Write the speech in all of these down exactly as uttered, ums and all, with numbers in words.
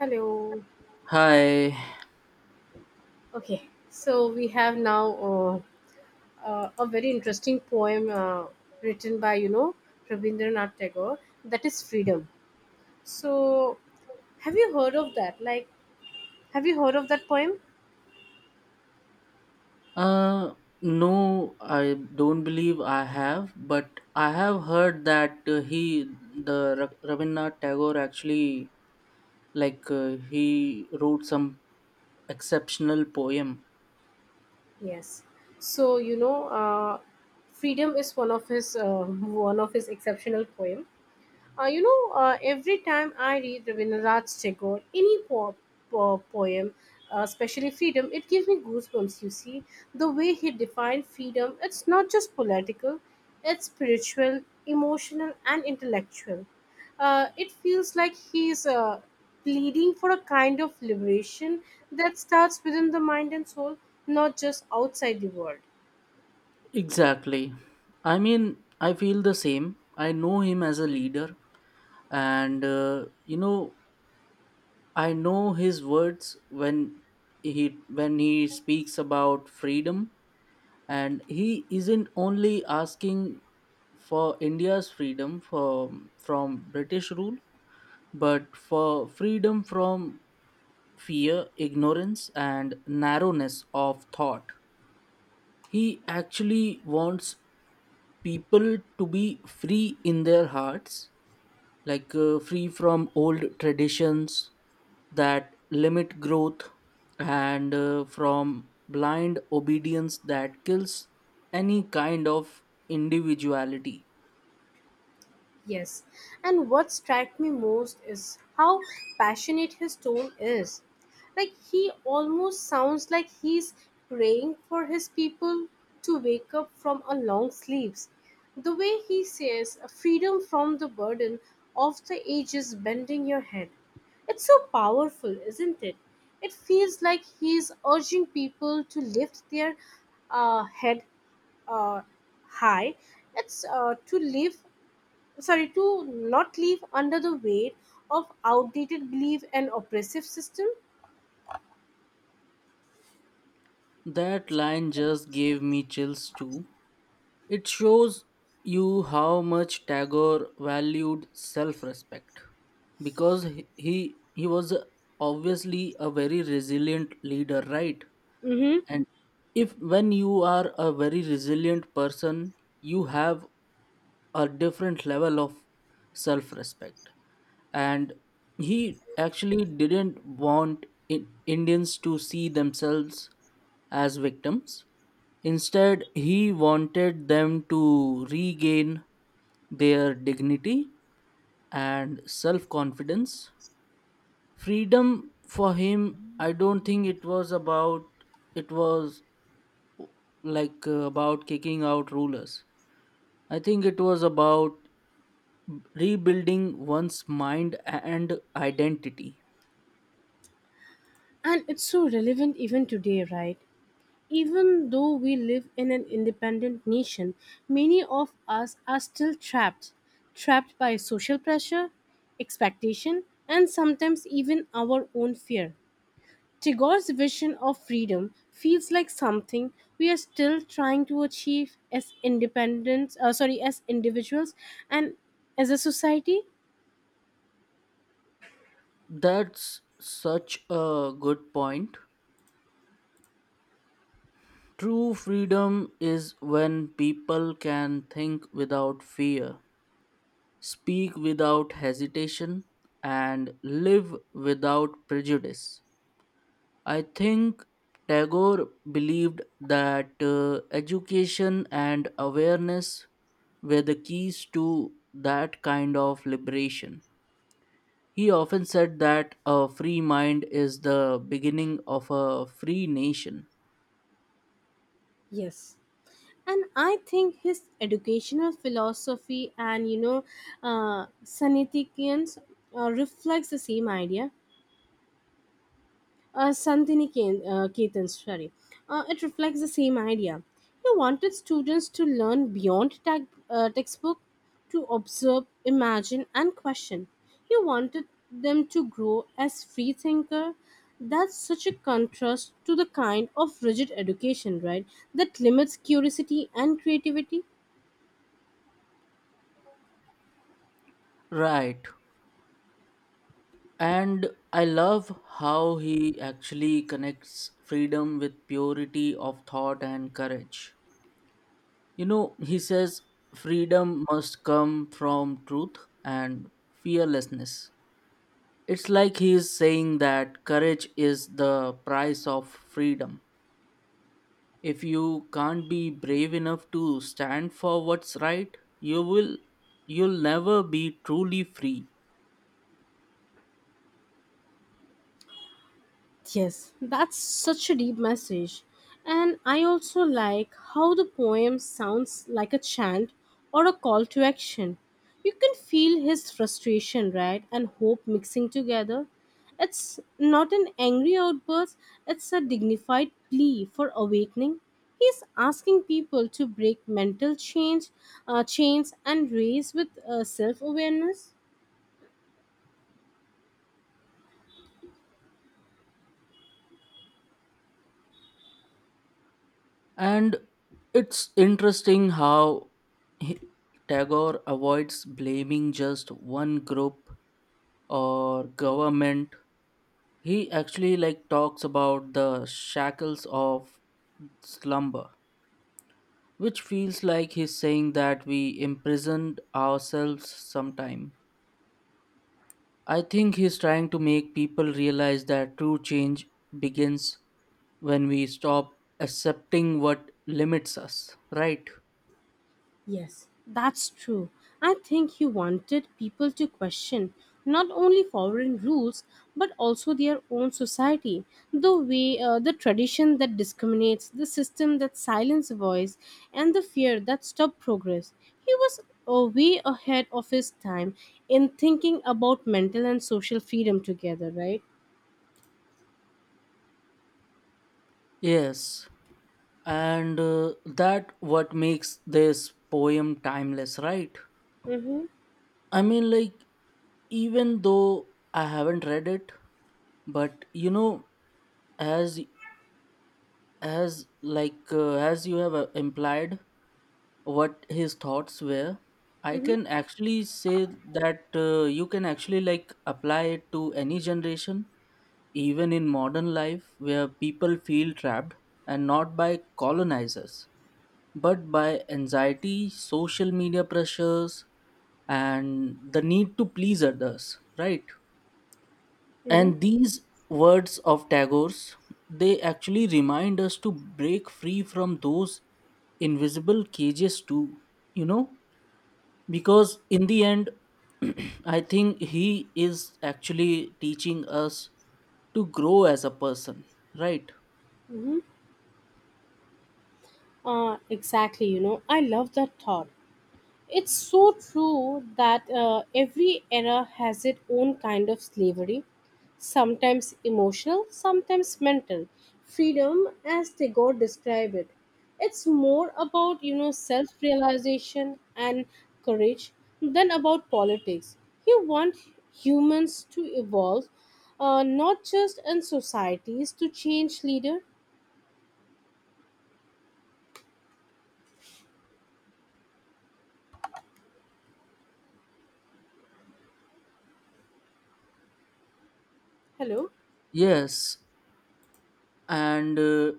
Hello. Hi. Okay, so we have now uh, uh, a very interesting poem uh, written by you know Rabindranath Tagore, that is Freedom. So, have you heard of that? Like, have you heard of that poem? Uh, no, I don't believe I have, but I have heard that uh, he, the Ra- Rabindranath Tagore, actually, like, uh, he wrote some exceptional poem. Yes. So you know, uh, Freedom is one of his uh, one of his exceptional poem. Uh, you know, uh, every time I read Rabindranath Tagore, any po- po- poem, uh, especially freedom, it gives me goosebumps. You see, the way he defined freedom, it's not just political, it's spiritual, emotional, and intellectual. Uh, it feels like he's uh, pleading for a kind of liberation that starts within the mind and soul, not just outside the world. Exactly. I mean, I feel the same. I know him as a leader, and uh, you know, I know his words when he when he speaks about freedom, and he isn't only asking for India's freedom from from British rule, but for freedom from fear, ignorance, and narrowness of thought. He actually wants people to be free in their hearts, like uh, free from old traditions that limit growth, and uh, from blind obedience that kills any kind of individuality. Yes, and what struck me most is how passionate his tone is. Like he almost sounds like he's praying for his people to wake up from a long sleeps. The way he says, freedom from the burden of the ages bending your head. It's so powerful, isn't it? It feels like he's urging people to lift their uh, head uh, high. It's uh, to live sorry to not live under the weight of outdated belief and oppressive system. That line just gave me chills too. It shows you how much Tagore valued self respect, because he, he he was obviously a very resilient leader, right? Mm-hmm. And if when you are a very resilient person, you have a different level of self respect. And he actually didn't want in, Indians to see themselves as victims. Instead, he wanted them to regain their dignity and self confidence. Freedom for him, I don't think it was about, it was like uh, about kicking out rulers. I think it was about rebuilding one's mind and identity. And it's so relevant even today, right? Even though we live in an independent nation, many of us are still trapped. Trapped by social pressure, expectation, and sometimes even our own fear. Tagore's vision of freedom feels like something we are still trying to achieve as independents, uh, sorry, as individuals and as a society. That's such a good point. True freedom is when people can think without fear, speak without hesitation, and live without prejudice. I think Tagore believed that uh, education and awareness were the keys to that kind of liberation. He often said that a free mind is the beginning of a free nation. Yes. And I think his educational philosophy and you know, uh, Saniticians uh, reflects the same idea. Uh, Santini Ke- uh, Ketan, sorry. Uh, it reflects the same idea. He wanted students to learn beyond tag, uh, textbook, to observe, imagine, and question. He wanted them to grow as free thinker. That's such a contrast to the kind of rigid education, right? That limits curiosity and creativity. Right. And I love how he actually connects freedom with purity of thought and courage. You know, he says freedom must come from truth and fearlessness. It's like he is saying that courage is the price of freedom. If you can't be brave enough to stand for what's right, you will you'll never be truly free. Yes, that's such a deep message. And I also like how the poem sounds like a chant or a call to action. You can feel his frustration, right, and hope mixing together. It's not an angry outburst, it's a dignified plea for awakening. He's asking people to break mental change, uh, chains and raise with uh, self awareness. And it's interesting how he- Tagore avoids blaming just one group or government. He actually like talks about the shackles of slumber, which feels like he's saying that we imprisoned ourselves sometime. I think he's trying to make people realize that true change begins when we stop accepting what limits us, right? Yes, that's true. I think he wanted people to question not only foreign rules but also their own society, the way, uh, the tradition that discriminates, the system that silences voice, and the fear that stops progress. He was uh, way ahead of his time in thinking about mental and social freedom together, right? Yes, and uh, that what makes this poem timeless, right? Mm-hmm, I mean, like, even though I haven't read it, but you know, as as like uh, as you have uh, implied what his thoughts were, I mm-hmm, can actually say that uh, you can actually like apply it to any generation, even in modern life where people feel trapped, and not by colonizers but by anxiety, social media pressures, and the need to please others, right? mm-hmm, And these words of Tagore's, they actually remind us to break free from those invisible cages too, you know, because in the end I think he is actually teaching us to grow as a person, right? mm-hmm. Uh, exactly, you know, I love that thought. It's so true that uh, every era has its own kind of slavery, sometimes emotional, sometimes mental. Freedom, as they God describe it, it's more about you know self-realization and courage than about politics. You want humans to evolve, uh, not just in societies to change leader. Hello. Yes, and uh,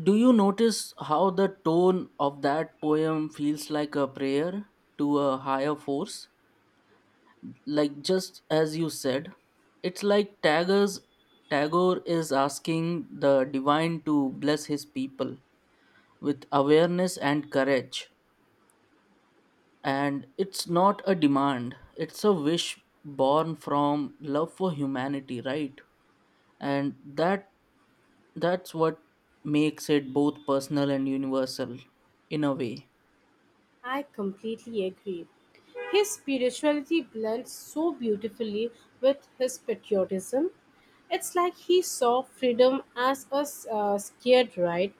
do you notice how the tone of that poem feels like a prayer to a higher force, like just as you said? It's like Tagore's Tagore is asking the divine to bless his people with awareness and courage, and it's not a demand, it's a wish born from love for humanity, right? And that that's what makes it both personal and universal in a way. I completely agree. His spirituality blends so beautifully with his patriotism. It's like he saw freedom as a uh, scared right,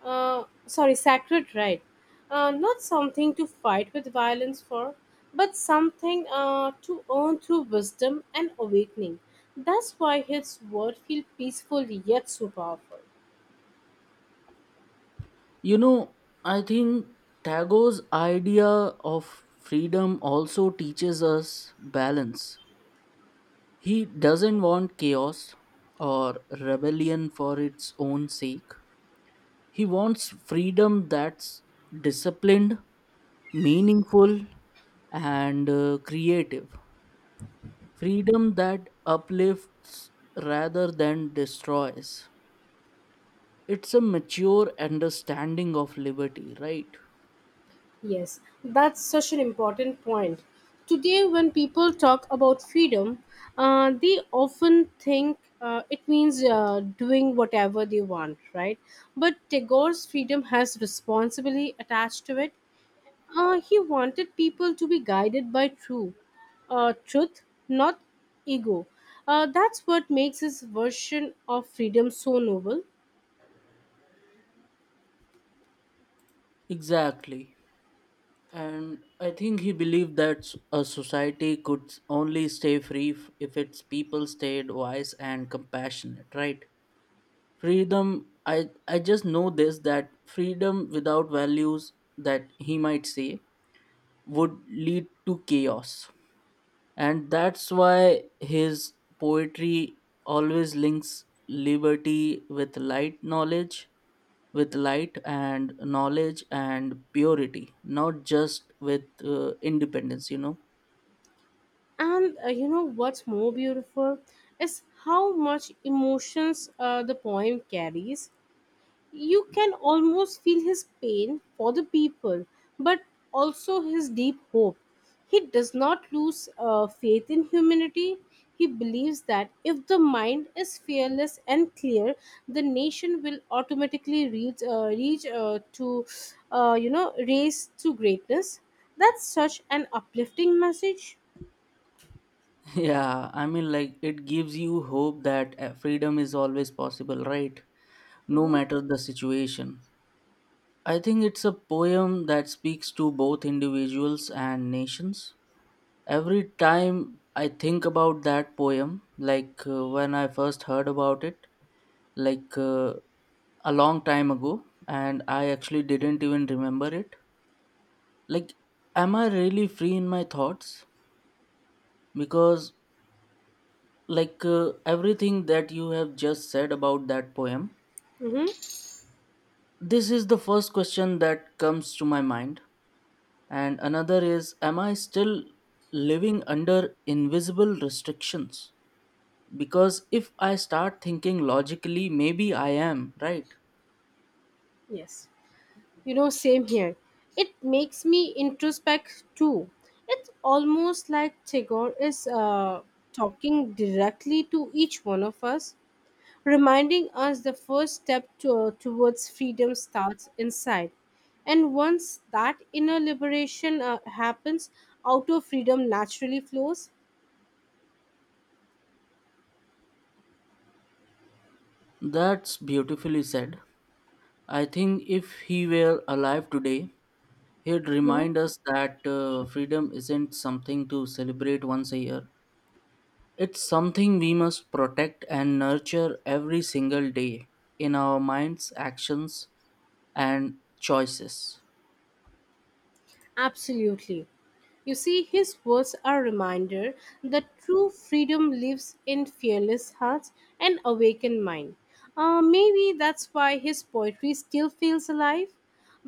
uh, sorry, sacred right, uh, not something to fight with violence for, but something uh, to earn through wisdom and awakening. That's why his word feel peaceful yet so powerful. You know, I think Tagore's idea of freedom also teaches us balance. He doesn't want chaos or rebellion for its own sake. He wants freedom that's disciplined, meaningful, and uh, creative. Freedom that uplifts rather than destroys. It's a mature understanding of liberty, right? Yes, that's such an important point. Today, when people talk about freedom, uh, they often think uh, it means uh, doing whatever they want, right? But Tagore's freedom has responsibility attached to it. Uh, he wanted people to be guided by true uh, truth, not ego. Uh, that's what makes his version of freedom so noble. Exactly. And I think he believed that s- a society could s- only stay free f- if its people stayed wise and compassionate, right? Freedom, I, I just know this, that freedom without values, that he might say, would lead to chaos. And that's why his poetry always links liberty with light knowledge, with light and knowledge and purity, not just with uh, independence, you know. And uh, you know what's more beautiful is how much emotions uh, the poem carries. You can almost feel his pain for the people, but also his deep hope. He does not lose uh, faith in humanity. He believes that if the mind is fearless and clear, the nation will automatically reach, uh, reach uh, to, uh, you know, race to greatness. That's such an uplifting message. Yeah, I mean, like, it gives you hope that uh, freedom is always possible, right? No Hmm. matter the situation. I think it's a poem that speaks to both individuals and nations. Every time I think about that poem, like uh, when I first heard about it, like uh, a long time ago, and I actually didn't even remember it. Like, am I really free in my thoughts? Because, like, uh, everything that you have just said about that poem, Hmm. this is the first question that comes to my mind. And another is, am I still living under invisible restrictions? Because if I start thinking logically, maybe I am, right? Yes, you know, same here. It makes me introspect too. It's almost like Tagore is uh, talking directly to each one of us, reminding us the first step to, uh, towards freedom starts inside. And once that inner liberation uh, happens, outer freedom naturally flows. That's beautifully said. I think if he were alive today, he'd remind us that uh, freedom isn't something to celebrate once a year, it's something we must protect and nurture every single day, in our minds, actions, and choices. Absolutely. You see, his words are a reminder that true freedom lives in fearless hearts and awakened mind. Uh, maybe that's why his poetry still feels alive,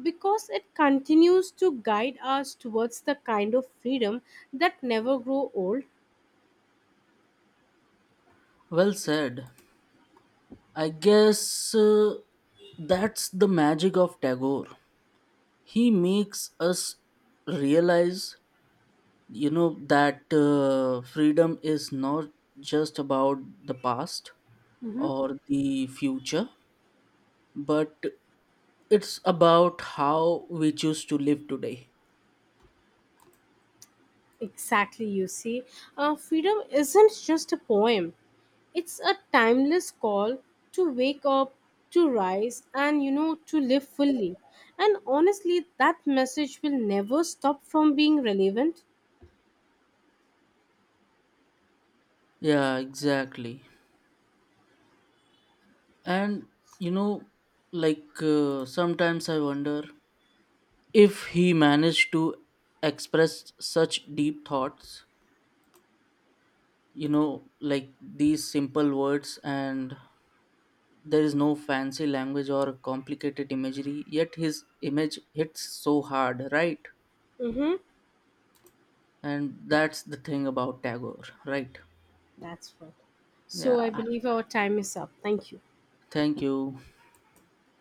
because it continues to guide us towards the kind of freedom that never grow old. Well said. I guess uh, that's the magic of Tagore. He makes us realize, you know, that uh, freedom is not just about the past Mhm. or the future, but it's about how we choose to live today. Exactly, you see. Uh, freedom isn't just a poem, it's a timeless call to wake up, to rise, and you know, to live fully. And honestly, that message will never stop from being relevant. Yeah, exactly. And, you know, like uh, sometimes I wonder if he managed to express such deep thoughts, you know, like these simple words, and there is no fancy language or complicated imagery, yet his image hits so hard, right? Mm-hmm. And that's the thing about Tagore, right? That's what. So Yeah, I believe our time is up. Thank you. thank you.